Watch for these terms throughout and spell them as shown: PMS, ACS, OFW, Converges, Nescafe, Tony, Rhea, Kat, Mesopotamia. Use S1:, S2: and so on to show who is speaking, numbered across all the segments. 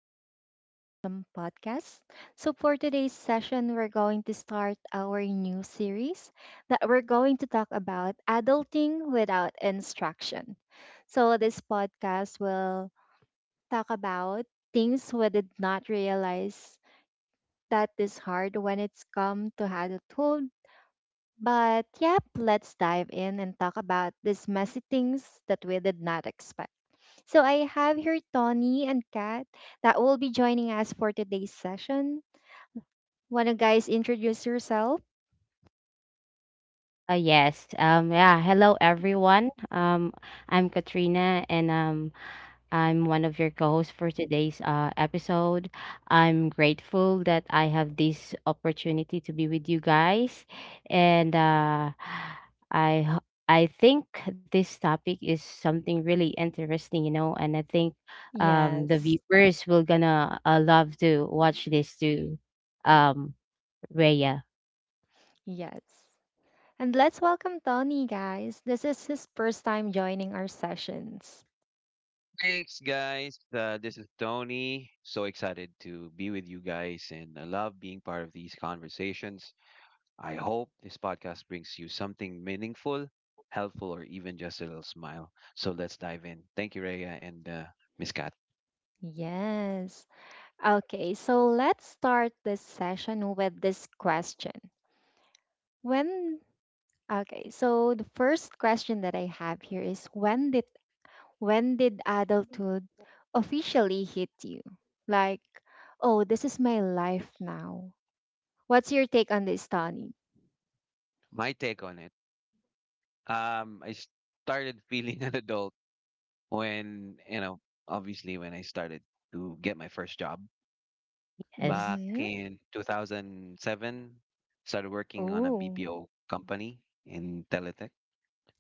S1: back to our awesome podcast. So, for today's session, we're going to start our new series that we're going to talk about adulting without instruction. So, this podcast will talk about things we did not realize that is hard when it's come to adulthood, but yep, let's dive in and talk about these messy things that we did not expect. So I have here Tony and Kat that will be joining us for today's session. Wanna guys introduce yourself?
S2: Yes. Yeah. Hello, everyone. I'm Katrina, and I'm one of your co-hosts for today's episode. I'm grateful that I have this opportunity to be with you guys, and I ho- I think this topic is something really interesting, you know, and I think the
S1: Yes.
S2: viewers will gonna love to watch this too. Um, Rhea.
S1: Yes. And let's welcome Tony, guys. This is his first time joining our sessions.
S3: Thanks, guys. This is Tony. So excited to be with you guys, and I love being part of these conversations. I hope this podcast brings you something meaningful, helpful, or even just a little smile. So let's dive in. Thank you, Rhea, and Miss Kat.
S1: Yes. Okay, so let's start this session with this question. When Okay, so the first question that I have here is when did adulthood officially hit you? Like, oh, this is my life now. What's your take on this, Tony?
S3: My take on it: I started feeling an adult when, obviously, when I started to get my first job. Back
S2: Yes.
S1: Mm-hmm.
S3: in 2007, started working on a
S1: Oh,
S3: BPO company in Teletech.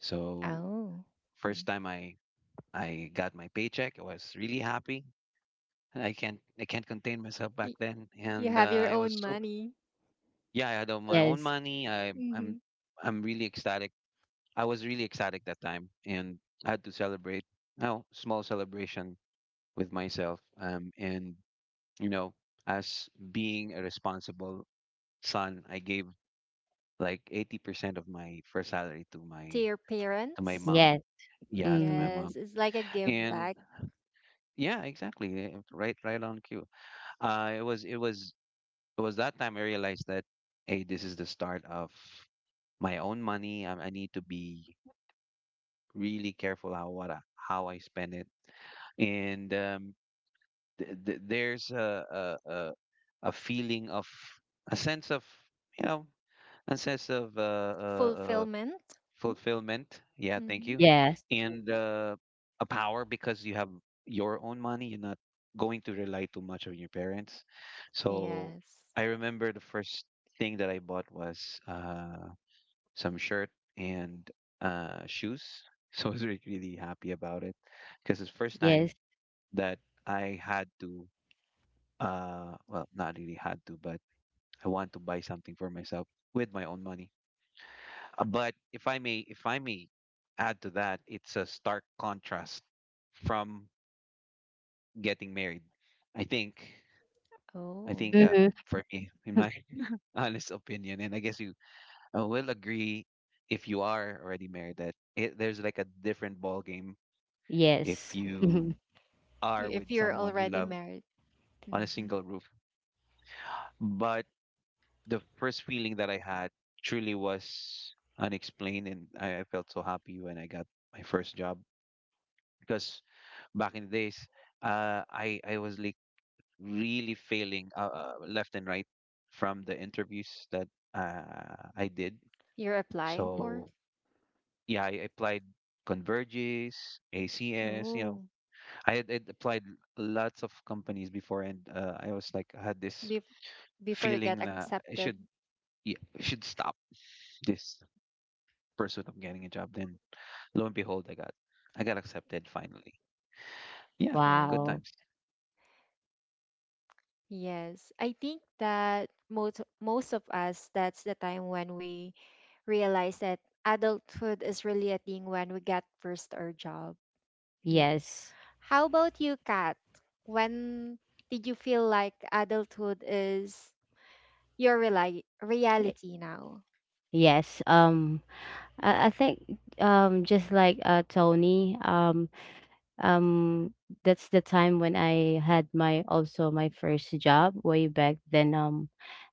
S3: So
S1: oh.
S3: first time I got my paycheck, I was really happy. I can't contain myself back
S1: Y-
S3: then,
S1: You
S3: and
S1: have your
S3: I was
S1: own
S3: so.
S1: money.
S3: Yeah, I had all my own
S2: Yes.
S3: money. i
S1: Hmm.
S3: i'm i'm really ecstatic. I was really ecstatic that time, and I had to celebrate, a small celebration with myself, and you know as being a responsible son, I gave like 80% of my first salary to
S1: To
S3: my
S1: your
S3: to my
S1: parents.
S3: mom.
S2: Yes.
S3: Yeah, to my
S2: Mm.
S1: Yes,
S3: mom.
S1: it's like a give
S3: And
S1: back.
S3: yeah, exactly. Right on cue. Uh it was it was it was that time I realized that, hey, this is the start of my own money. I need to be really careful how, how I spend it. And th th there's a a feeling of a sense of, you know, a sense of
S1: Fulfillment.
S3: fulfillment. Yeah, thank
S1: Hmm.
S3: you.
S2: Yes,
S3: And a power, because you have your own money. You're not going to rely too much on your parents. So
S1: Yes.
S3: I remember the first thing that I bought was some shirt and shoes. So I was really, really happy about it, because it's first time
S2: yes.
S3: that I had to, well, not really had to, but I want to buy something for myself with my own money. But if I may add to that, it's a stark contrast from getting married. I think, I
S1: Oh.
S3: think
S2: Mhm.
S3: for me, in my honest opinion, and I guess you will agree, if you are already married, that there's like a different ball game if
S2: Yes.
S3: you are
S1: If
S3: with
S1: you're
S3: someone you
S1: already
S3: love
S1: married.
S3: on a
S1: Hmm.
S3: single roof. But the first feeling that I had truly was unexplained, and I felt so happy when I got my first job, because back in the days, I was like really failing left and right from the interviews that I did.
S1: You're applying for.
S3: So yeah, I applied Converges, ACS. You know,
S1: Oh,
S3: I'd applied lots of companies before, and I was like, I had this
S1: be before you get
S3: feeling that I
S1: accepted.
S3: should yeah, I should stop this pursuit of getting a job. Then, lo and behold, I got accepted finally. Yeah,
S1: Oh,
S3: good
S2: Wow.
S3: times.
S1: yes. I think that most of us, that's the time when we realize that adulthood is really a thing when we get first our job. Yes.
S2: Yes.
S1: How about you, Kat? When did you feel like adulthood is your reli
S2: Eh,
S1: reality now?
S2: Yes. I think just like Tony, um that's the time when I had my also my first job way back then.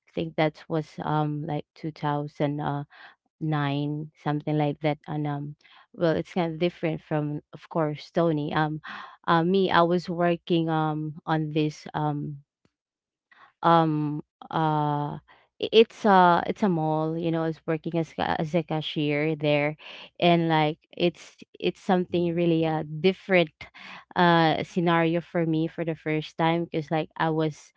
S2: I think that was like 2009, something like that. And well it's kind of different from of course Tony. Me, I was working on this um uh it's a mall, you know, I working as as a cashier there, and like it's something
S3: Mhm.
S2: really a different scenario for me for the first time because like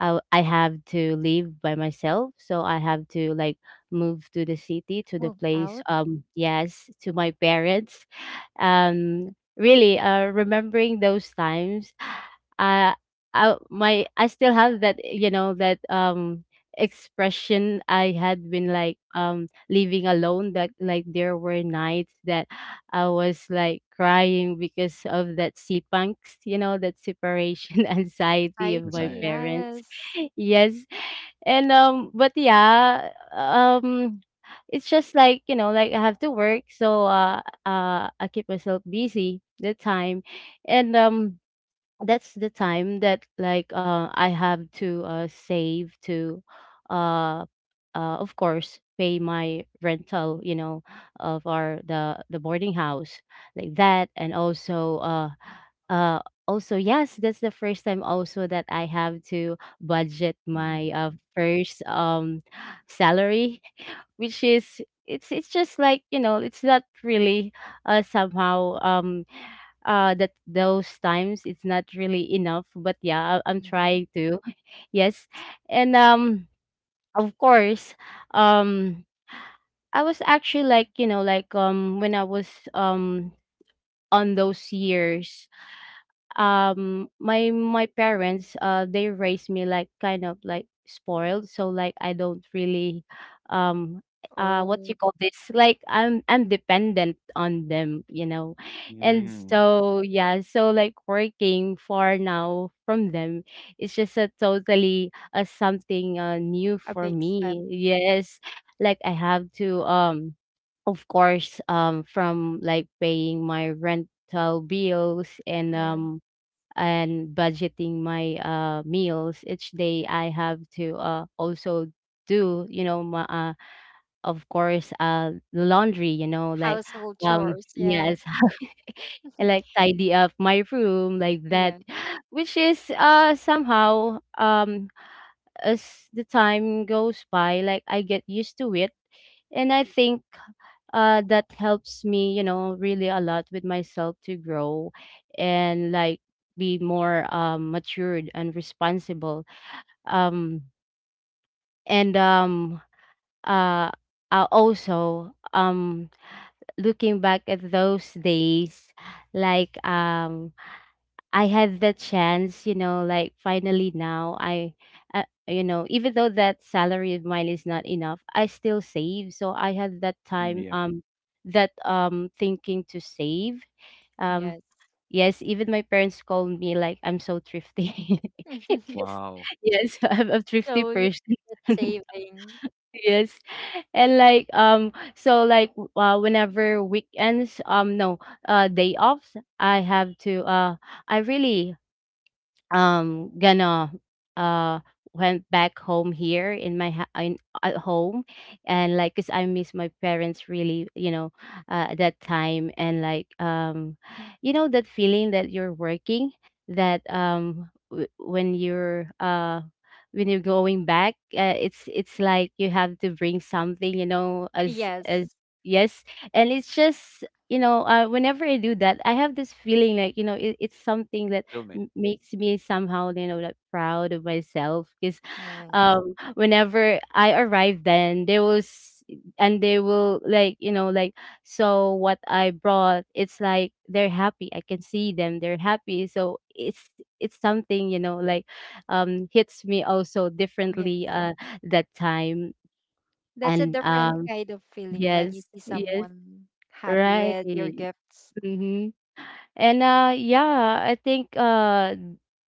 S2: I have to live by myself, so I have to like move to the city to the
S1: Move
S2: place.
S1: out.
S2: Yes, to my parents. Really, remembering those times, uh, I still have that, you know, that expression I had been like living alone. That like there were nights that I was like crying because of that sipangs, you know, that separation anxiety of my
S1: Society,
S3: Anxiety.
S2: parents.
S1: yes.
S2: Yes. And but yeah, it's just like, you know, like I have to work, so I keep myself busy that time. And that's the time that like I have to save to uh of course pay my rental, you know, of our the boarding house like that, and also uh also yes, that's the first time also that I have to budget my
S3: Mm,
S2: first salary which is it's just like, you know, it's not really somehow that those times it's not really enough, but yeah, I'm
S1: Mm-hmm.
S2: trying to. Yes. And of course um I was actually like, you know, like when I was um on those years, my parents they raised me like kind of like spoiled, so like I don't really um what
S1: Oh,
S2: you call this, like I'm dependent on them, you know. And
S3: mm,
S2: so yeah, so like working far now from them, it's just a totally something new
S1: a
S2: for
S1: big step.
S2: me, yes. Like I have to of course from like paying my rental bills and budgeting my meals each day, I have to also do, you know, of course laundry, you know, like
S1: Household
S2: um
S1: chores,
S2: yes,
S1: yes.
S2: and like tidy up my room like that,
S1: Yes,
S2: which is somehow as the time goes by, like I get used to it, and I think that helps me, you know, really a lot with myself to grow and like be more matured and responsible. Um, and uh, also, looking back at those days, like, I had the chance, you know, like finally now I, you know, even though that salary of mine is not enough, I still save. So I had that
S3: mm,
S2: time,
S3: yep.
S2: that thinking to save. Um,
S1: yes.
S2: yes, even my parents called me like I'm so thrifty. 'Cause-
S3: Wow.
S2: yes, I'm a thrifty
S1: So you're
S2: person.
S1: not saving.
S2: Yes, and like so like whenever weekends, no, day offs, I have to. I really gonna uh went back home here in my in at home, and like cuz I miss my parents really, you know, at that time. And like you know that feeling that you're working, that when you're going back, it's like you have to bring something, you know, as
S1: Yes,
S2: yes. And it's just, you know, whenever I do that, I have this feeling like, you know, it, it's something that
S3: Fulfillment.
S2: m makes me somehow, you know, like proud of myself, cause,
S1: yes,
S2: whenever I arrived, then there was and they will like, you know, like, so what I brought, it's like they're happy. I can see them, they're happy. So it's something, you know, like, hits me also
S1: yes.
S2: differently, that time.
S1: That's a
S2: And,
S1: different kind of feeling when you
S2: yes,
S1: see
S2: yes,
S1: someone happy
S2: right.
S1: with your gifts.
S2: Mhm. And yeah, I think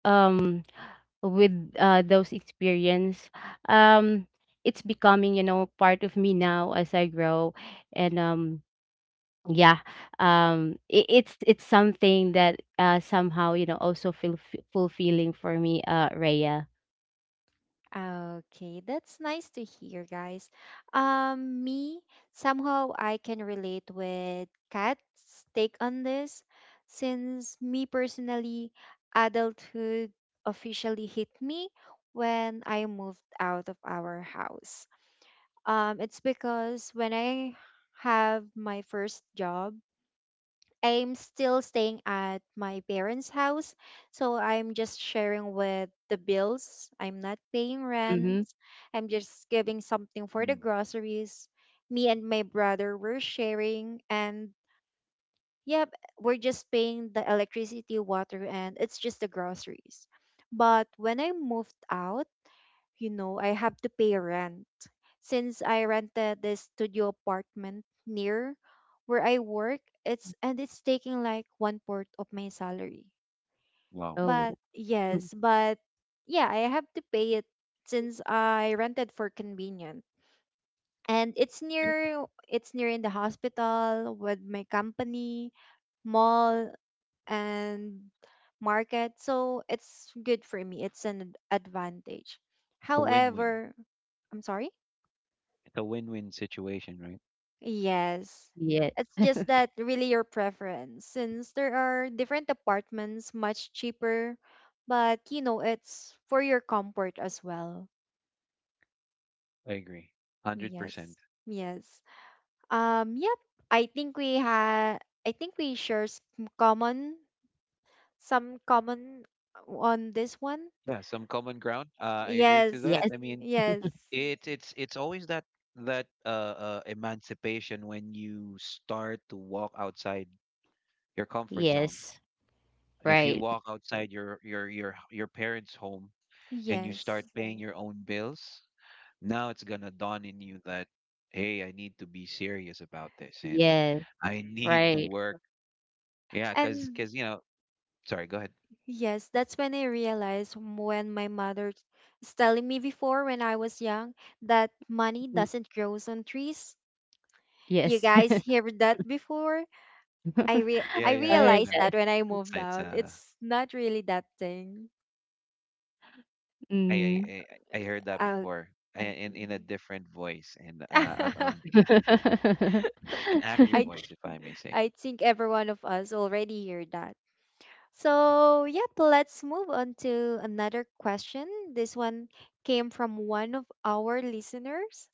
S2: um with those experience, um it's becoming, you know, part of me now as I grow. And yeah, it, it's something that somehow, you know, also feel fulfilling for me, Raya.
S1: Okay, that's nice to hear, guys. Me, somehow I can relate with Kat's take on this, since me personally, adulthood officially hit me when I moved out of our house. It's because when I have my first job, I'm still staying at my parents' house, so I'm just sharing with the bills. I'm not paying
S2: Mm-hmm.
S1: rent. I'm just giving something for the
S3: Mm,
S1: groceries. Me and my brother were sharing, and yep, we're just paying the electricity, water, and it's just the groceries. But when I moved out, you know, I have to pay rent. Since I rented this studio apartment near where I work, it's and it's taking like one fourth of my salary.
S3: wow.
S2: Oh,
S1: But
S2: mm,
S1: yes, but yeah, I have to pay it since I rented for convenience. And it's near in the hospital with my company, mall, and market. So it's good for me. It's an advantage.
S3: It's a win-win.
S1: However, I'm sorry?
S3: It's a win-win situation, right?
S1: Yes.
S2: yes,
S1: It's just that really your preference since there are different apartments much cheaper, but you know, it's for your comfort as well.
S3: I agree.
S1: Yes.
S3: 100%.
S1: Yes. Um, yep. I think we had I think we share some common on this one.
S3: Yeah, some common ground. I agree to that.
S1: Yes.
S2: yes,
S3: I mean,
S1: Yes.
S3: it's always that that emancipation when you start to walk outside your comfort zone.
S2: yes,
S3: If you
S2: right.
S3: walk outside your parents' home, and you start
S1: Yes.
S3: paying your own bills, now it's gonna dawn in you that, hey, I need to be serious about this, and
S2: Yes,
S3: I need to
S2: right.
S3: work. Yeah, because
S1: And
S3: because you know, sorry, go ahead.
S1: yes, that's when I realized when my mother is telling me before when I was young that money
S2: Mm,
S1: doesn't grow on trees. You
S2: yes.
S1: guys hear that before?
S3: Yeah,
S1: I
S3: yeah,
S2: I
S3: I
S2: heard
S3: heard
S1: realized
S3: that.
S2: that.
S1: that when I
S3: it's
S1: moved
S3: it's,
S1: out.
S3: uh
S1: It's not really that thing.
S3: i i
S2: Mm-hmm.
S3: i I heard that
S1: Uh,
S3: before in a different voice, and an angry
S1: I
S3: voice, if I may say.
S1: I think every one of us already hear that. So, yep, let's move on to another question. This one came from one of our listeners.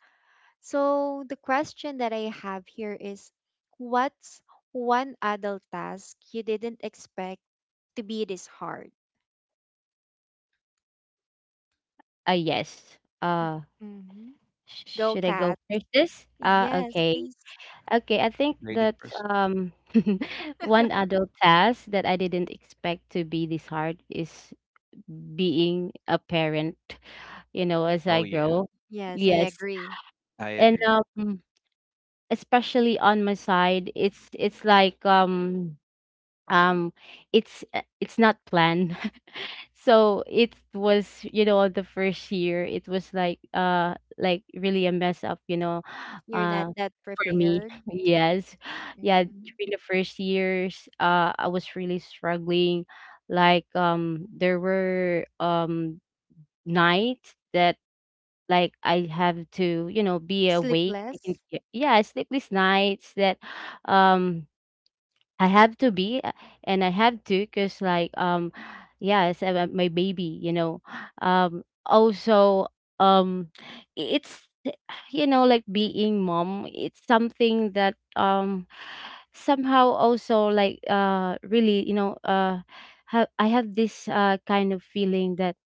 S1: So the question that I have here is what's one adult task you didn't expect to be this hard?
S2: Yes.
S1: Mm-hmm.
S2: Sh
S1: Go,
S2: should I go
S1: Kat.
S2: first this?
S1: Yes,
S2: Okay.
S1: please.
S2: Okay, I think that
S3: Graded person.
S2: um one adult task that I didn't expect to be this hard is being a parent, you know, as I
S3: Oh yeah.
S2: grow.
S1: Yes, I
S2: Yes.
S1: agree.
S3: I
S2: And
S3: agree.
S2: especially on my side, it's like um it's not planned, so it was, you know, the first year it was like really a mess up, you know,
S1: You're not
S2: uh
S1: that
S2: for me.
S1: prepared.
S2: Yes. Yeah,
S1: Mm.
S2: during the first years I was really struggling, like there were nights that, like, I have to, you know, be awake. I
S1: Sleepless.
S2: yes, sleepless nights that um I have to be, and I have to, cause like, yeah, it's my baby, you know. Also um, it's eh, you know, like being mom. It's something that somehow also like really, you know, have I have this kind of feeling that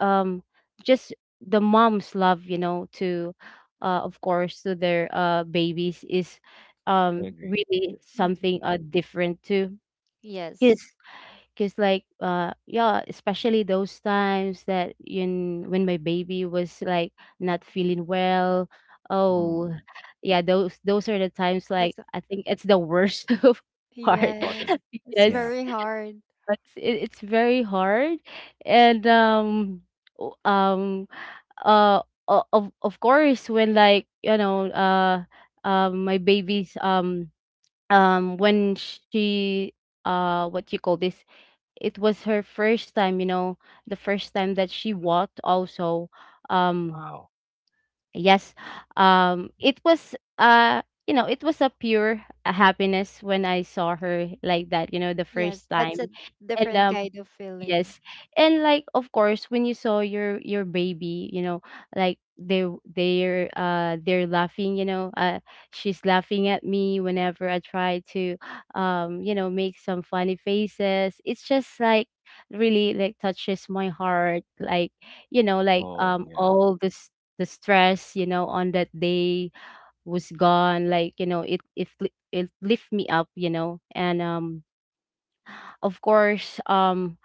S2: um just the mom's love, you know, to of course to their babies is
S3: I agree.
S2: really
S1: Mm-hmm.
S2: something different too,
S1: Yes.
S2: because because like yeah, especially those times that in when my baby was like not feeling well. Oh
S3: Mm.
S2: yeah, those are the times, like,
S1: That's a-
S2: I think it's the worst of
S3: Panic
S2: part
S1: yes.
S3: button.
S1: It's
S3: Yeah.
S2: because
S1: very hard.
S2: it's, it's very hard. And o- um uh of course, when like, you know, my baby's when she what you call this, it was her first time, you know, the first time that she walked also, um
S3: Wow.
S2: yes, it was you know, it was a pure happiness when I saw her like that, you know, the first
S1: Yes, that's
S2: time.
S1: a
S2: And
S1: different kind of feeling.
S2: yes. And like of course when you saw your baby, you know, like they're laughing, you know, she's laughing at me whenever I try to you know, make some funny faces. It's just like really like touches my heart. Like, you know, like
S3: Oh yeah.
S2: all this the stress, you know, on that day was gone. Like, you know, it it lift me up, you know. And of course, um,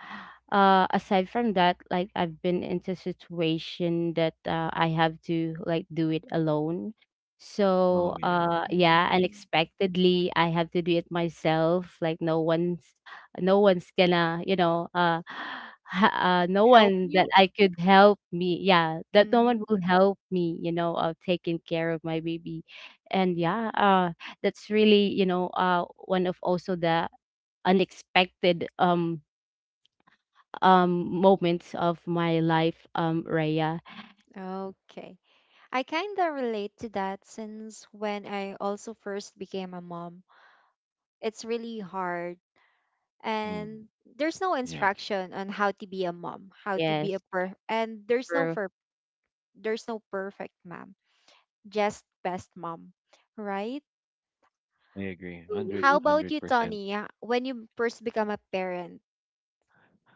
S2: uh, aside from that, like I've been into situation that I have to like do it alone. So,
S3: Oh yeah.
S2: yeah,
S1: Mm.
S2: unexpectedly, I have to do it myself. Like no one's gonna, you know, ha- no
S1: Help
S2: one that
S1: you?
S2: I could help me. Yeah, that no one
S1: Mm-hmm.
S2: will help me. You know, of taking care of my baby, and yeah, that's really, you know, one of also the unexpected um moments of my life, Raya.
S1: Okay. I kind of relate to that since when I also first became a mom, it's really hard.
S3: Mm.
S1: And there's no
S3: Yeah,
S1: instruction on how to be a mom, how to be a
S2: Yes,
S1: per and there's no
S2: true.
S1: for there's no perfect mom, just best mom, right?
S3: I agree. Hundred,
S1: How
S2: Mhm.
S1: about
S3: hundred
S1: you,
S3: percent
S1: Tony? When you first become a parent?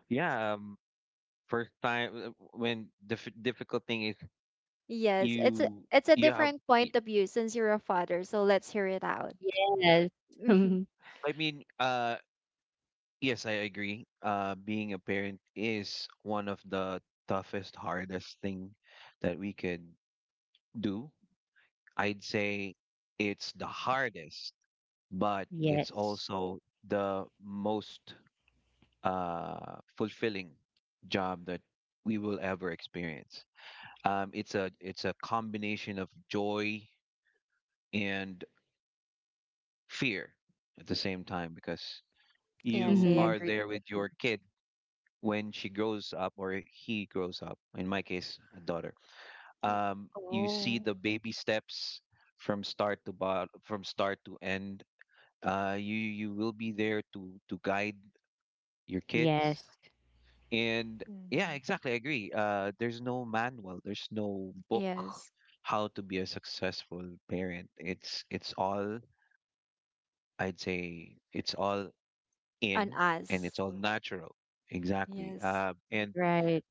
S3: Yeah. First time, when the difficult thing is,
S1: Yes, it's a,
S3: you
S1: it's a
S3: you have
S1: different
S3: y-
S1: point of view since you're a father, so let's hear it out.
S2: Yes.
S1: Mhm.
S3: I mean, yes, I agree. Being a parent is one of the toughest, hardest thing that we could do. I'd say it's the hardest, but it's
S2: Yes.
S3: also the most fulfilling job that we will ever experience. It's a combination of joy and fear at the same time, because
S1: Yes,
S3: you
S1: I
S2: Mm-hmm.
S3: are
S1: agree.
S3: there with your kid when she grows up or he grows up. In my case, a daughter.
S1: Y-
S3: You see
S1: Oh.
S3: the baby steps from start to end. You will be there to guide your kids.
S2: Yes.
S3: And yeah,
S1: Hmm.
S3: exactly. I agree. There's no manual. There's no book
S1: Yes.
S3: how to be a successful parent. It's all, I'd say, it's all
S1: On
S3: in, and it's
S1: us.
S3: all natural, exactly.
S1: Yes.
S3: And
S2: Right.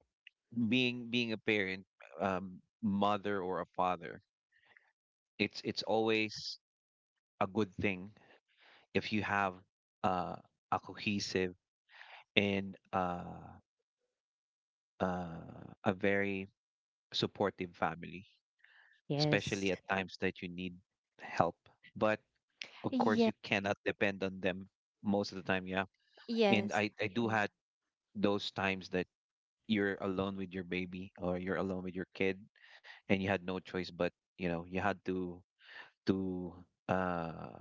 S3: being a parent, mother or a father, it's always a good thing if you have uh, a cohesive and a very supportive family,
S2: Yes.
S3: especially at times that you need help, but of course
S1: Yes.
S3: you cannot depend on them most of the time, yeah. And
S1: Yes.
S3: I do had those times that you're alone with your baby or you're alone with your kid, and you had no choice, but you know, you had to uh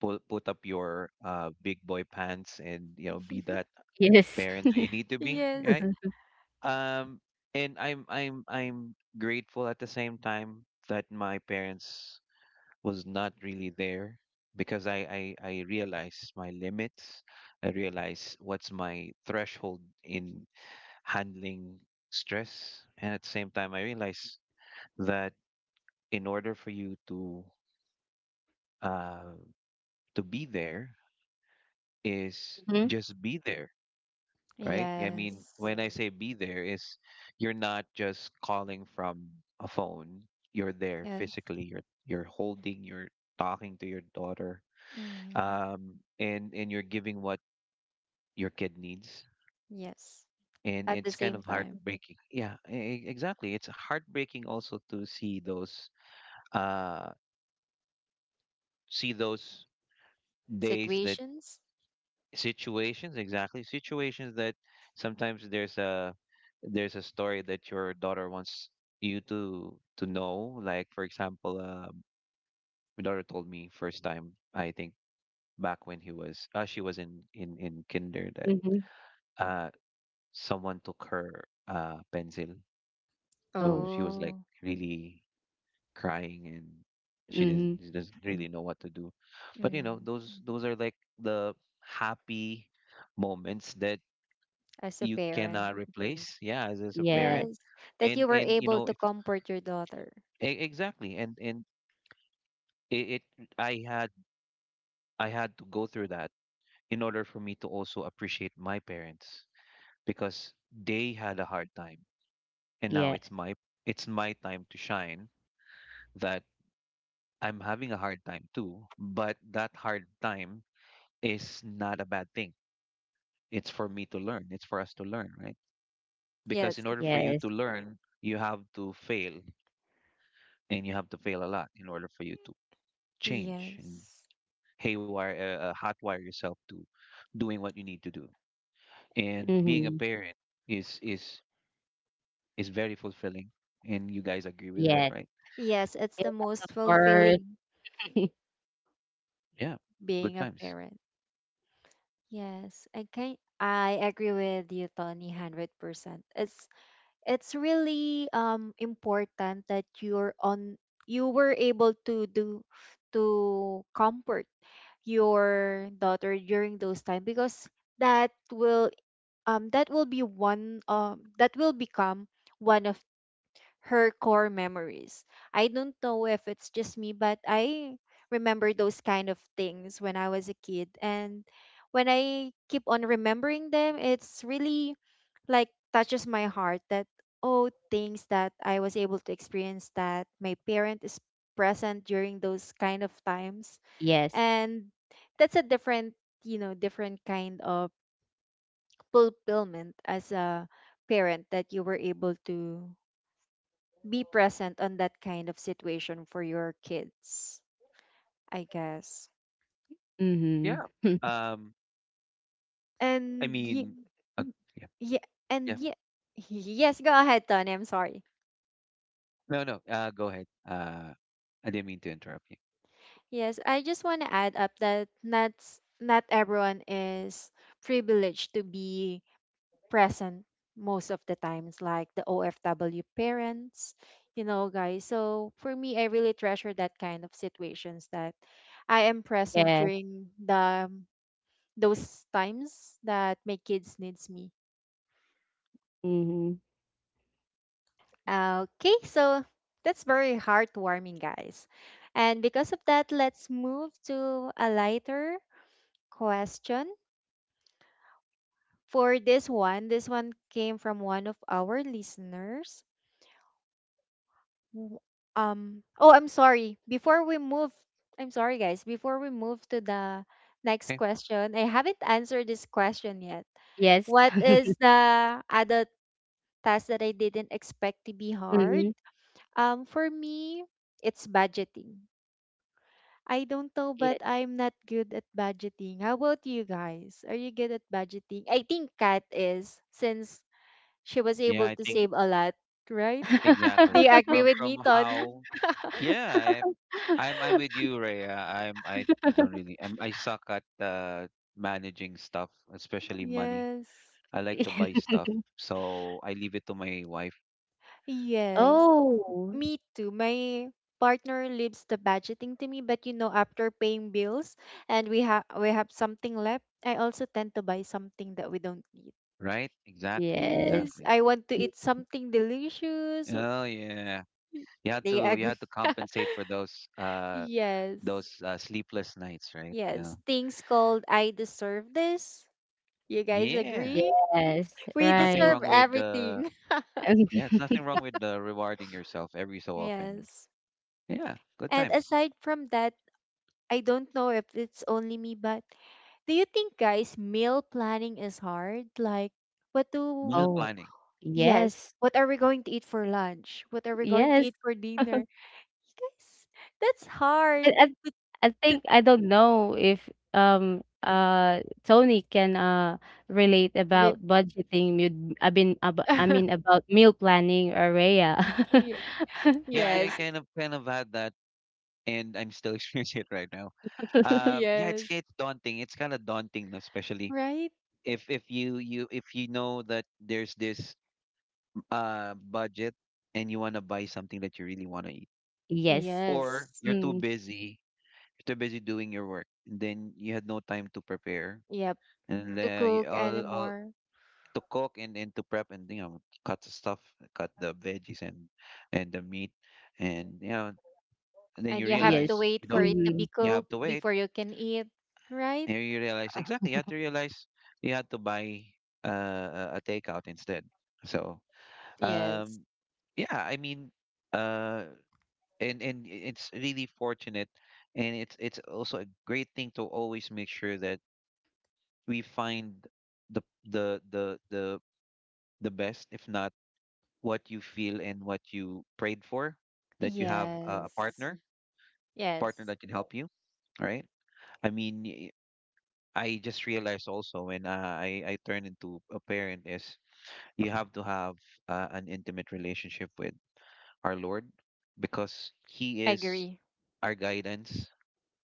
S3: put up your big boy pants, and you know, be that
S2: Yes.
S3: parent that you need to be,
S1: Yes.
S3: right. um and I'm grateful at the same time that my parents was not really there, because I realize my limits. I realize what's my threshold in handling stress, and at the same time I realize that, in order for you to uh, be there, is
S2: Hmm.
S3: just be there, right. I mean,
S1: Yes.
S3: when I say be there is, you're not just calling from a phone, you're there
S1: Yes.
S3: physically, you're holding, you're talking to your daughter.
S1: Hmm.
S3: Um and and you're giving what your kid needs.
S1: Yes.
S3: And
S1: At the
S3: it's kind
S1: same
S3: of
S1: time,
S3: heartbreaking. Yeah, exactly, it's heartbreaking also to uh see those days that
S1: situations.
S3: situations, exactly, situations that sometimes there's a, story that your daughter wants you to know. Like, for example, my daughter told me, first time I think, back when he was she was in kinder, that
S2: Hmm.
S3: uh someone took her pencil. So
S2: Oh.
S3: she was like
S1: Oh,
S3: really crying, and she doesn't
S2: Mm-hmm.
S3: she doesn't really know what to do. But you know,
S1: mm.
S3: those are like the happy moments that
S1: As a
S3: you
S1: parent.
S3: cannot replace, yeah, as a
S2: Yes.
S3: parent.
S1: Yes. That
S3: and
S1: you were
S3: and you
S1: able
S3: know,
S1: to
S3: if,
S1: comfort your daughter.
S3: e- exactly, and it I had I had to go through that in order for me to also appreciate my parents, because they had a hard time, and now
S2: Yes.
S3: it's my time to shine, that I'm having a hard time too, but that hard time is not a bad thing. It's for me to learn, it's for us to learn, right? Because in
S1: Yes.
S3: order for you
S2: Yes.
S3: to learn, you have to fail, and you have to fail a lot in order for you change, and
S1: Yes.
S3: hotwire yourself to doing what you need to do. And being a
S2: Mm-hmm.
S3: parent is is is very fulfilling. And you guys agree with that,
S2: Yes.
S3: right?
S1: Yes. It's
S2: Yes,
S1: the
S2: of
S1: most
S2: course.
S1: fulfilling
S3: Yeah, good
S1: being a
S3: times.
S1: parent. Yes. I agree with you, Tony, 100%. It's it's really important that you were able to comfort your daughter during those time, because that will that will become one of her core memories. I don't know if it's just me, but I remember those kind of things when I was a kid, and when I keep on remembering them, it's really like touches my heart that, oh, things that I was able to experience that my parent is present during those kind of times,
S2: Yes.
S1: and that's a different you know different kind of fulfillment as a parent that you were able to be present on that kind of situation for your kids, I guess.
S3: Yeah.
S2: Mm-hmm.
S3: Um, I
S1: And
S3: mean, uh, yeah,
S1: yeah,
S3: yeah.
S1: and yeah, yes, go ahead, Tony, I'm sorry.
S3: No, no. Go ahead. I didn't mean to interrupt you.
S1: Yes, I just want to add up that not everyone is privileged to be present most of the times, like the OFW parents, you know, guys. So for me, I really treasure that kind of situations that I am present
S2: Yes.
S1: during the those times that my kids needs me.
S2: Mm-hmm.
S1: Okay, so that's very heartwarming, guys. And because of that, let's move to a lighter question. For this one came from one of our listeners. W- oh, I'm sorry. Before we move, I'm sorry, guys. Before we move to the next
S3: Okay.
S1: question, I haven't answered this question yet.
S2: Yes.
S1: What is the other task that I didn't expect to be hard?
S2: Mm-hmm.
S1: For me, it's budgeting. I don't know, but
S2: Yes.
S1: I'm not good at budgeting. How about you guys? Are you good at budgeting? I think Kat is, since she was
S3: Yeah,
S1: able
S3: I
S1: to
S3: think
S1: save a lot, right? Do
S3: exactly
S1: you agree
S3: from
S1: with me, Tony?
S3: how. Yeah, I'm with you, Rhea. I'm I don't really I'm, I suck at managing stuff, especially money.
S1: Yes.
S3: I like to buy stuff, so I leave it to my wife.
S1: Yes.
S2: Oh.
S1: Me too. My partner leaves the budgeting to me, but you know, after paying bills and we have something left, I also tend to buy something that we don't need.
S3: Right? Exactly.
S2: Yes.
S1: Yes,
S3: Exactly.
S1: I want to
S2: Mm,
S1: eat something delicious.
S3: Oh yeah.
S1: Y-
S3: You had
S1: Do
S3: to you
S1: agree?
S3: had to compensate for those
S1: Yes.
S3: sleepless nights, right? Yeah.
S1: Yes, things called I deserve this. You guys
S3: Yeah.
S1: agree?
S2: yes.
S1: We
S3: Nothing
S2: Right.
S1: deserve
S3: wrong with
S1: everything.
S3: Yeah, it's nothing wrong with rewarding yourself every so often.
S1: Yes.
S3: Yeah, good
S1: And
S3: times.
S1: aside from that, I don't know if it's only me, but do you think, guys, meal planning is hard? Like, what
S3: Meal
S1: do,
S2: Oh,
S3: planning.
S1: yes,
S2: yes.
S1: what are we going to eat for lunch? What are we going to
S2: Yes.
S1: eat for dinner? Guys, that's
S2: I,
S1: hard
S2: I I think I don't know if Tony can relate
S1: with,
S2: about budgeting I mean ab I mean about meal planning or Rhea.
S1: Ye-
S3: Yeah, I
S1: yes,
S3: kind of had that, and I'm still experiencing it right now. Yeah, it's
S1: yes,
S3: it's daunting. It's kind of daunting, no, especially
S1: right?
S3: if you know that there's this budget, and you want to buy something that you really want to eat,
S2: Yes.
S3: or
S1: Yes,
S2: Mm,
S3: you're too busy doing your work, and then you had no time to prepare,
S1: yep,
S3: and
S1: to
S3: you-
S1: cook
S3: all
S1: anymore.
S3: to cook and then to prep, and you know, cut the stuff, cut the veggies and the meat, and you know, and then
S1: And
S3: you
S1: you have
S2: yes.
S1: to
S3: realize
S1: wait
S3: you
S1: for
S3: don't.
S1: it to
S2: Mm-hmm.
S1: be
S3: You
S1: cooked
S3: have to wait.
S1: before you can eat, right?
S3: And you realize, exactly, you had to realize you had to buy a takeout instead. So
S1: Yes,
S3: um, yeah, I mean, uh, it's really fortunate, and it's also a great thing to always make sure that we find the the the the the best, if not what you feel and what you prayed for, that you have a a
S1: yes.
S3: partner partner
S1: Yes,
S3: that can help you. All right. I mean, I just realized also when I turn into a parent is, you have to have an intimate relationship with our Lord, because He
S1: I
S3: is
S1: agree.
S3: our guidance.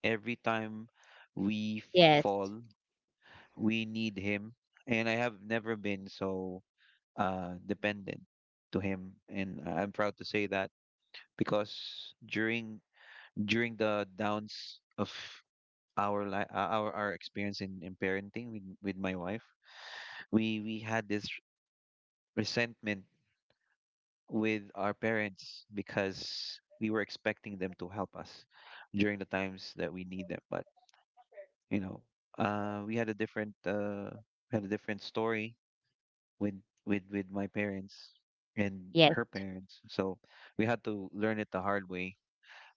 S3: Every time we
S2: Yes.
S3: fall, we need Him, and I have never been so dependent to Him, and I'm proud to say that because during during the downs of our experience in parenting with my wife we had this resentment with our parents because we were expecting them to help us during the times that we need them. But you know, uh, we had a different uh, we had a different story with with my parents and
S2: Yes.
S3: her parents. So we had to learn it the hard way.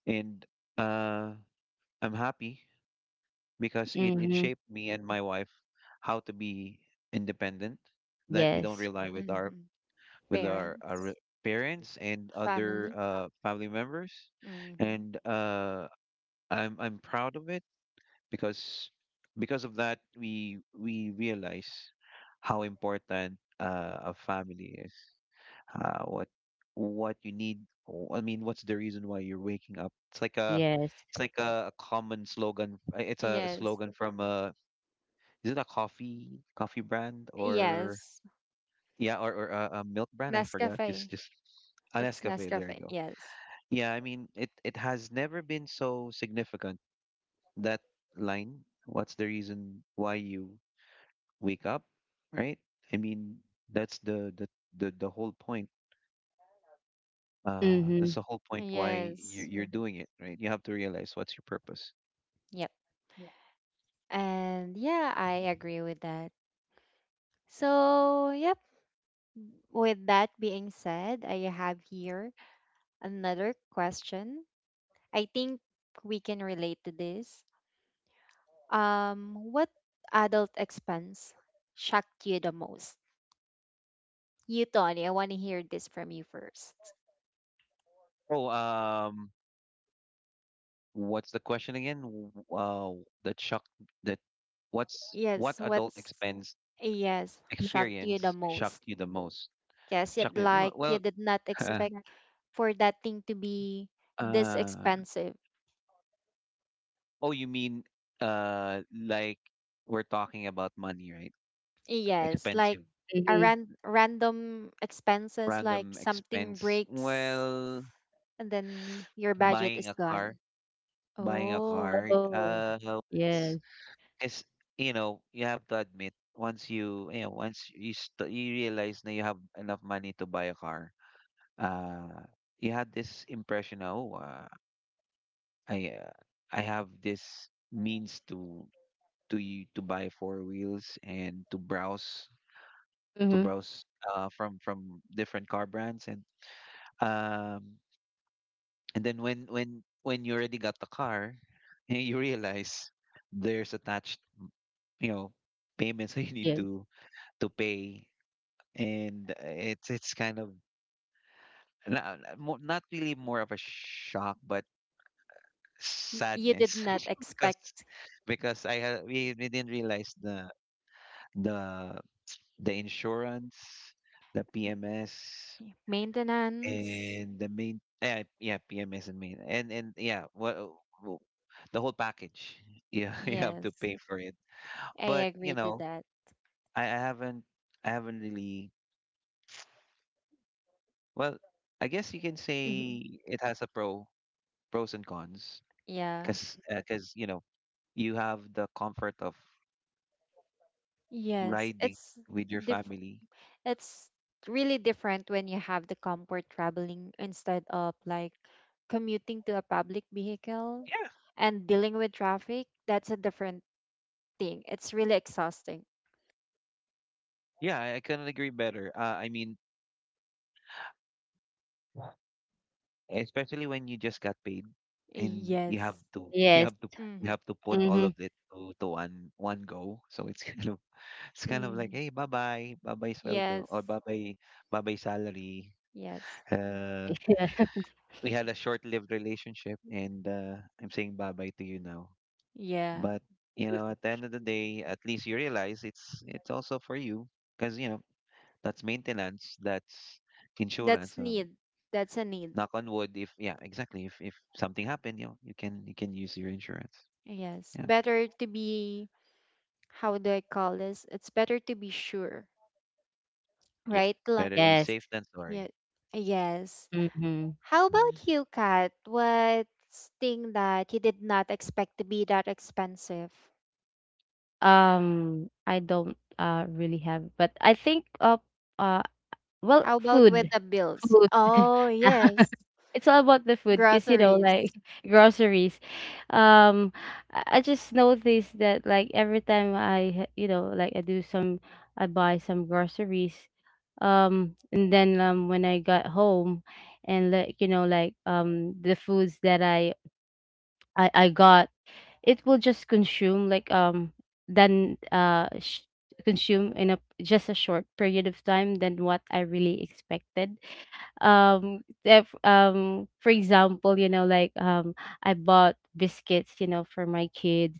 S3: And uh, I'm happy because it
S2: Mm-hmm.
S3: shaped me and my wife how to be independent, that we don't
S2: Yes.
S3: rely with
S1: Hmm.
S3: with our, our
S1: Parents,
S3: re- parents and other
S1: family.
S3: family members,
S1: Hmm.
S3: and I'm proud of it because because of that we realize how important a family is. What what you need. I mean, what's the reason why you're waking up? It's like a
S2: Yes.
S3: it's like a common slogan. It's
S1: Yes,
S3: slogan from a, is it a coffee brand or,
S1: yes.
S3: yeah, or a milk brand. I forgot.
S1: Nescafe.
S3: Just a
S1: It's
S3: Nescafe. There you
S1: Nescafe.
S3: go.
S1: Yes,
S3: Yeah, I mean it. It has never been so significant. That line. What's the reason why you wake up, right? I mean, that's the whole point. That's
S2: Mm-hmm.
S3: the whole point why
S1: yes.
S3: you're doing it, right? You have to realize what's your purpose.
S1: Yep.
S3: Yeah.
S1: And yeah, I agree with that. So, yep. With that being said, I have here another question. I think we can relate to this. What adult expense shocked you the most? You, Tony, I want to hear this from you first.
S3: Oh, what's the question again? W- the chuck that what's what
S1: Yes,
S3: adult
S1: what's,
S3: expense
S1: yes, shocked you the
S3: experience
S1: most?
S3: shocked you the most?
S1: Yes,
S3: Shocked
S1: yet
S3: me.
S1: like you
S3: Well,
S1: did not expect for that thing to be this
S3: uh,
S1: expensive.
S3: oh, you mean like, we're talking about money, right?
S1: Yes, like
S3: Expensive,
S1: a
S2: Mm-hmm.
S1: random expenses like
S3: random
S1: something
S3: expense.
S1: breaks
S3: Well,
S1: and then your budget
S3: buying
S1: is
S3: a car,
S1: gone.
S3: buying a
S1: Oh,
S3: car.
S2: Oh, yes.
S3: It's, it's you know, you have to admit, once you you know, once you st you realize that you have enough money to buy a car. Uh, you had this impression na, oh, I uh, I have this means to you to buy four wheels and to
S2: Mm-hmm.
S3: browse from different car brands um and then when you already got the car, you realize there's attached, you know, payments that you need
S2: Yes.
S3: to pay, and it's kind of not, not really more of a shock but
S1: you did
S3: sadness,
S1: not
S3: because
S1: expect
S3: because I had we didn't realize the the the insurance, the PMS,
S1: maintenance.
S3: and the main yeah yeah PMS and main and yeah what the whole package, yeah, you have to
S1: Yes,
S3: pay for it.
S1: I
S3: But you
S1: agree to
S3: know,
S1: that.
S3: I, I haven't I haven't really, well, I guess you can say it has a pro pros and cons,
S1: Yeah.
S3: because you know, you have the comfort of
S1: Yes,
S3: riding with your
S1: diff-
S3: family.
S1: it's really different when you have the comfort traveling instead of like commuting to a public vehicle
S3: Yeah,
S1: and dealing with traffic. That's a different thing. It's really exhausting.
S3: yeah, I couldn't agree better. I mean, especially when you just got paid, and you have
S1: Yes.
S3: to, you
S2: Yes.
S3: have to, you
S1: Mm.
S3: have to put all of
S2: Mhm.
S3: it to one go, so it's kind of, it's kind of like,
S1: Mm.
S3: hey, bye bye bye bye sweldo, or
S1: Yes.
S3: bye bye bye bye salary,
S1: Yes.
S3: uh
S2: Yeah.
S3: we had a short-lived relationship, and I'm saying bye bye to you now.
S1: Yeah.
S3: But you know, at the end of the day, at least you realize it's also for you, because you know, that's maintenance, that's
S1: That's
S3: insurance,
S1: need. That's a need.
S3: knock on wood, if, yeah, exactly, if something happened, you know, you can use your insurance,
S1: Yes.
S3: yeah.
S1: Better to be, how do I call this? It's better to be sure,
S3: Yeah,
S1: right? Like,
S3: better be
S2: Yes.
S3: safe than
S1: yeah,
S3: sorry.
S1: yes.
S2: Mhm.
S1: How about
S3: Mm.
S1: you, Kat? What's thing that you did not expect to be that expensive?
S2: I don't, really have, but I think of, uh, well,
S1: How about with
S2: food,
S1: the bills?
S2: food.
S1: Oh, yes.
S2: It's all about the food because you know,
S1: Groceries.
S2: like groceries. Um, I I just noticed that, like, every time I ha you know, like, I do some I buy some groceries, and then, when I got home and, like, you know, like, the foods that I got, it will just consume like then uh sh- consume in a just a short period of time than what I really expected. If, for example, you know, like I bought biscuits, you know, for my kids,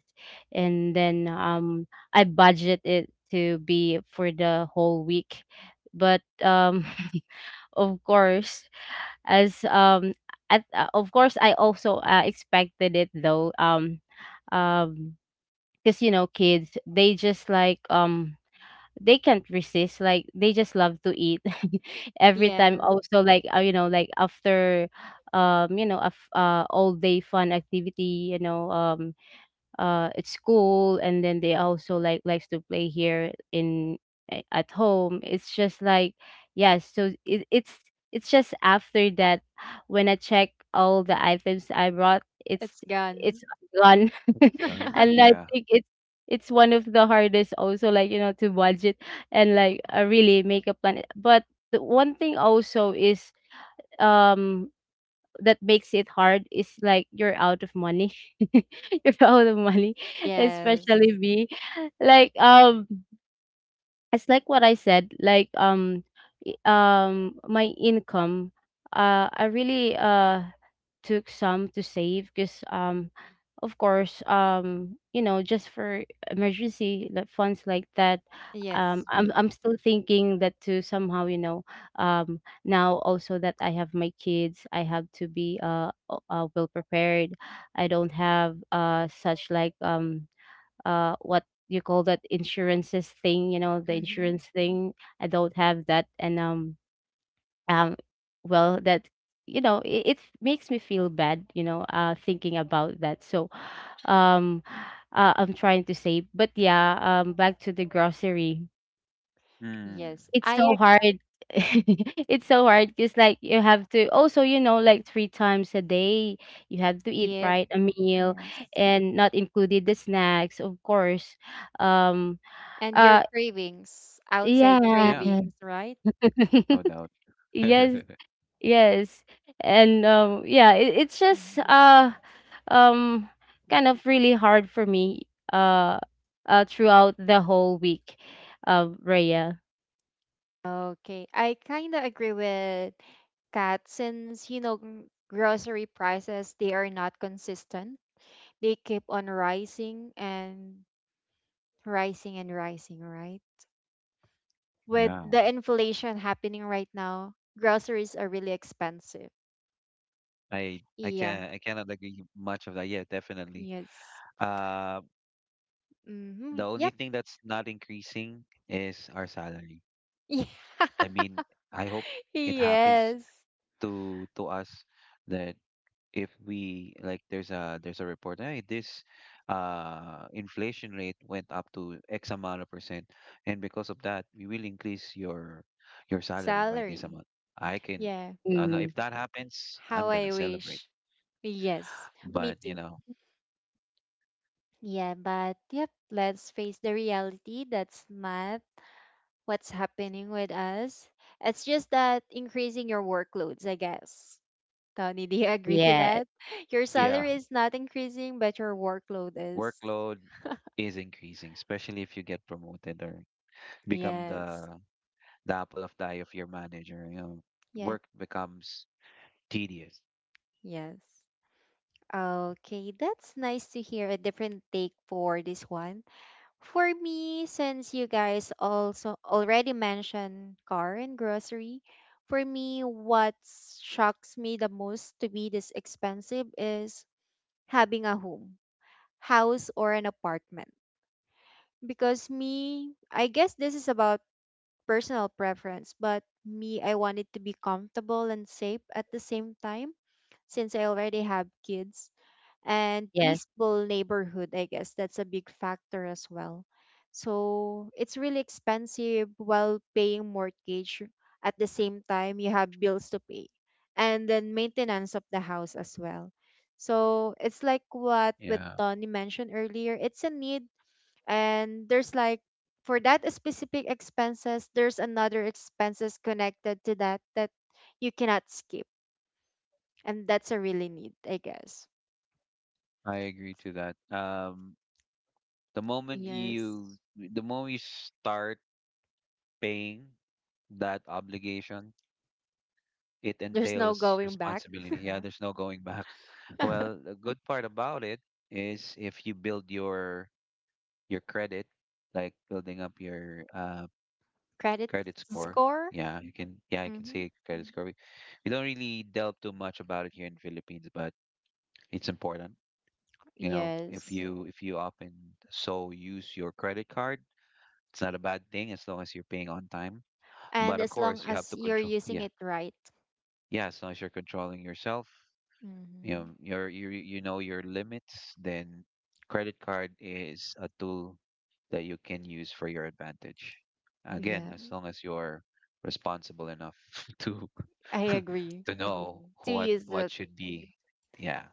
S2: and then I budget it to be for the whole week, but of course, as at, of course, I also expected it though. Um because you know kids they just like they can't resist, like they just love to eat. Every time
S1: Yeah,
S2: also like, you know, like after you know a all day fun activity, you know, at school, and then they also like likes to play here in at home. It's just like yeah, so it, it's just after that when I check all the items I brought,
S1: it's gone.
S2: it's gone.
S3: Done.
S2: And I
S3: Yeah.
S2: think it's one of the hardest also, like, you know, to budget and like really make a plan. But the one thing also is um that makes it hard is like you're out of money. You're out of money,
S1: Yes.
S2: especially me. Like, it's like what I said. Like, my income. I really took some to save because of course you know just for emergency like funds, like that.
S1: Yes.
S2: I'm still thinking that to somehow, you know, now also that I have my kids, I have to be, well prepared. I don't have such like what you call that insurances thing, you know, the
S1: Mm-hmm.
S2: insurance thing, I don't have that. And um well that, you know, it makes me feel bad, you know, thinking about that, so um I'm trying to save, but yeah, back to the grocery,
S1: Yes.
S3: Mm.
S2: it's so
S1: I
S2: hard. It's so hard because like you have to also, you know, like three times a day you have to
S1: agree.
S2: eat right a meal,
S1: Yes.
S2: and not included the snacks, of course. um
S1: And your
S2: uh
S1: cravings, outside
S2: yeah.
S3: Yeah.
S1: cravings, right?
S3: No doubt.
S2: Yes. Yes. And yeah, it, it's just
S1: Mm-hmm.
S2: um kind of really hard for me uh throughout the whole week, Raya.
S1: Okay, I kind of agree with Kat since, you know, grocery prices, they are not consistent. They keep on rising and rising and rising, right? With
S3: Yeah.
S1: the inflation happening right now, groceries are really expensive.
S3: I
S1: Yeah,
S3: can, I cannot agree much of that, yeah, definitely.
S1: yes.
S3: uh the
S1: Mm-hmm.
S3: only
S1: Yep.
S3: thing that's not increasing is our salary. I mean, I hope
S1: Yeah.
S3: it happens
S1: Yes.
S3: to us, that if we, like, there's a, there's a report, hey, this inflation rate went up to x amount of percent, and because of that we will increase your salary by this
S1: Salary.
S3: amount. i can
S1: Yeah.
S3: I know
S2: Mm,
S3: if that happens I'm
S1: How
S3: gonna
S1: I
S3: celebrate.
S1: wish. Yes. Me
S3: But you
S1: too.
S3: know,
S1: Yeah, but yep, let's face the reality that's not what's happening with us. It's just that increasing your workloads, I guess. Tony, do you agree to
S2: yeah,
S1: that? Your
S3: yeah,
S1: salary is not increasing, but your workload is.
S3: workload is increasing, especially if you get promoted or become
S1: Yes.
S3: the apple of the eye of your manager, you know,
S1: Yep.
S3: work becomes tedious.
S1: Yes. Okay, that's nice to hear a different take for this one. For me, since you guys also already mentioned car and grocery, for me, what shocks me the most to be this expensive is having a home, house, or an apartment. Because me, I guess this is about personal preference, but me, I wanted to be comfortable and safe at the same time since I already have kids, and
S2: yes.
S1: peaceful neighborhood, I guess that's a big factor as well. So it's really expensive, while paying mortgage at the same time you have bills to pay, and then maintenance of the house as well. So it's like what with
S3: Yeah,
S1: Tony mentioned earlier, it's a need. And there's like, for that specific expenses, there's another expenses connected to that that you cannot skip, and that's a really need, I guess.
S3: I agree to that. Um,
S1: Yes.
S3: the moment you start paying that obligation, it
S1: There's no
S3: entails
S1: going back.
S3: responsibility. Yeah, there's no going back. Well, the good part about it is, if you build your credit, like building up your
S1: Credit
S3: credit, mhm, score.
S1: score?
S3: Yeah, you can, yeah, I can
S1: Hmm.
S3: say credit, mhm, score. We don't really delve too much about it here in Philippines, but it's important. You know,
S1: Yes.
S3: if you often so use your credit card, it's not a bad thing as long as you're paying on time.
S1: And
S3: But of
S1: as long
S3: course, you have
S1: as
S3: to
S1: you're
S3: control.
S1: using
S3: Yeah,
S1: it right.
S3: yeah. As long as you're controlling yourself, you know,
S1: Hmm.
S3: you know your limits. Then, credit card is a tool that you can use for your advantage. Again,
S1: Yeah,
S3: as long as you're responsible enough to
S1: I agree.
S3: to know, mm-hmm,
S1: To use
S3: what
S1: the
S3: should be. Yeah.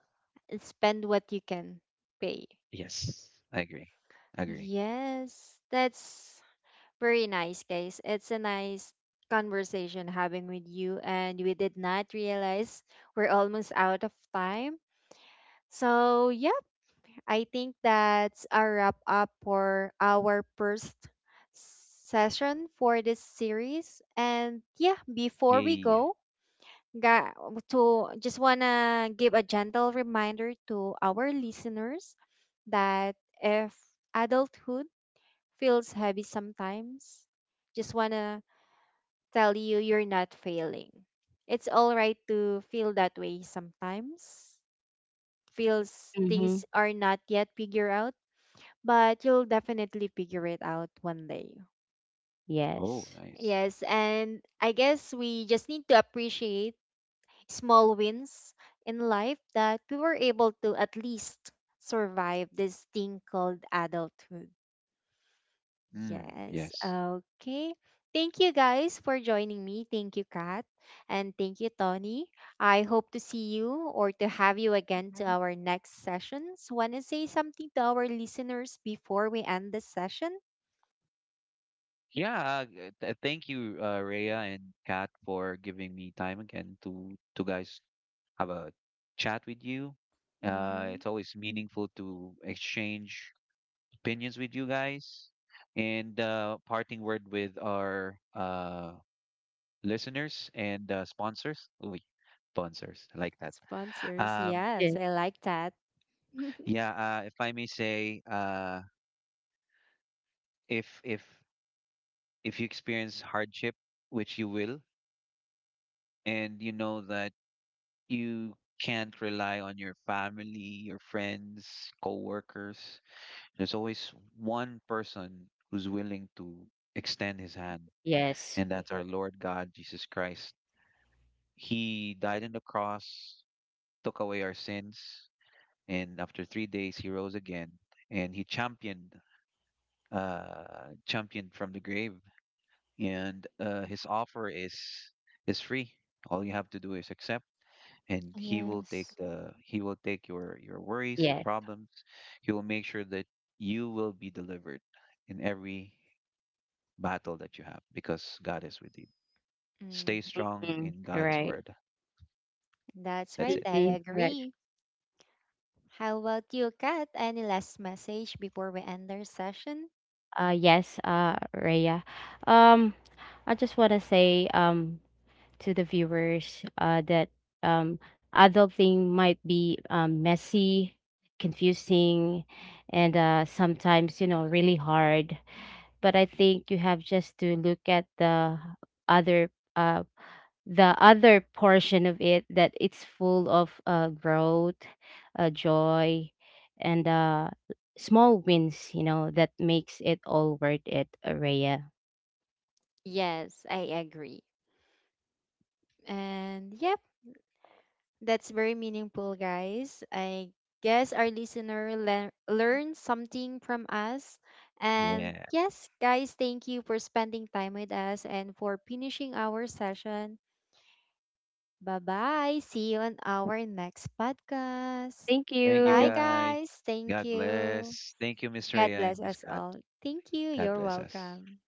S1: spend what you can pay.
S3: Yes, I agree. I agree.
S1: Yes, that's very nice, guys. It's a nice conversation having with you, and we did not realize we're almost out of time. So, yeah. I think that's a wrap up for our first session for this series. And yeah, before we
S3: Yay.
S1: go, ga- to just wanna give a gentle reminder to our listeners that if adulthood feels heavy sometimes, just wanna tell you you're not failing. It's all right to feel that way sometimes. Feels
S2: Mm-hmm.
S1: things are not yet figured out, but you'll definitely figure it out one day.
S3: Oh,
S2: Yes.
S3: nice.
S1: Yes, and I guess we just need to appreciate small wins in life that we were able to at least survive this thing called adulthood.
S3: Mm,
S1: Yes,
S3: yes.
S1: okay. Thank you guys for joining me. Thank you, Kat. And thank you, Tony. I hope to see you or to have you again to our next sessions. Want to say something to our listeners before we end this session?
S3: Yeah, thank you, Rhea and Kat, for giving me time again to guys have a chat with you.
S1: Hmm.
S3: It's always meaningful to exchange opinions with you guys, and parting word with our listeners and sponsors. Ooh, sponsors, I like that.
S1: Sponsors.
S3: Um,
S1: Yes,
S2: Yes,
S1: I like that.
S3: yeah, if I may say, if if if you experience hardship, which you will, and you know that you can't rely on your family, your friends, coworkers. There's always one person who's willing to extend his hand,
S2: yes,
S3: and that's our Lord God, Jesus Christ. He died on the cross, took away our sins, and after 3 days he rose again, and he championed, championed from the grave. And his offer is free. All you have to do is accept, and he will take
S1: Yes.
S3: the, he will take your worries, your
S2: yes.
S3: problems. He will make sure that you will be delivered in every battle that you have, because God is with you. Stay
S1: Mm,
S3: strong
S2: Mm,
S3: in God's
S2: right.
S3: word.
S1: that's
S3: That's
S1: right.
S3: it.
S1: I
S2: Mm-hmm. Right.
S1: agree. How about you, Kat? Any last message before we end our session?
S2: Yes, Raya. Um I just wanna say to the viewers that um, adulting might be, messy, confusing, and sometimes, you know, really hard. But I think you have just to look at other uh, the other portion of it, that it's full of growth, joy, and small wins, you know, that makes it all worth it, Araya.
S1: Yes, I agree. And yep, that's very meaningful, guys. I guess our listener learned something from us. And
S3: Yeah,
S1: yes, guys, thank you for spending time with us and for finishing our session. Bye bye. See you on our next podcast.
S2: Thank
S3: thank you
S1: Bye,
S2: you.
S3: guys,
S1: guys. Thank
S3: God
S1: you.
S3: bless. Thank you, Miss
S1: God
S3: Rhea
S1: bless
S3: and Miss
S1: us
S3: God.
S1: all. Thank you.
S3: God
S1: You're
S3: bless us.
S1: welcome.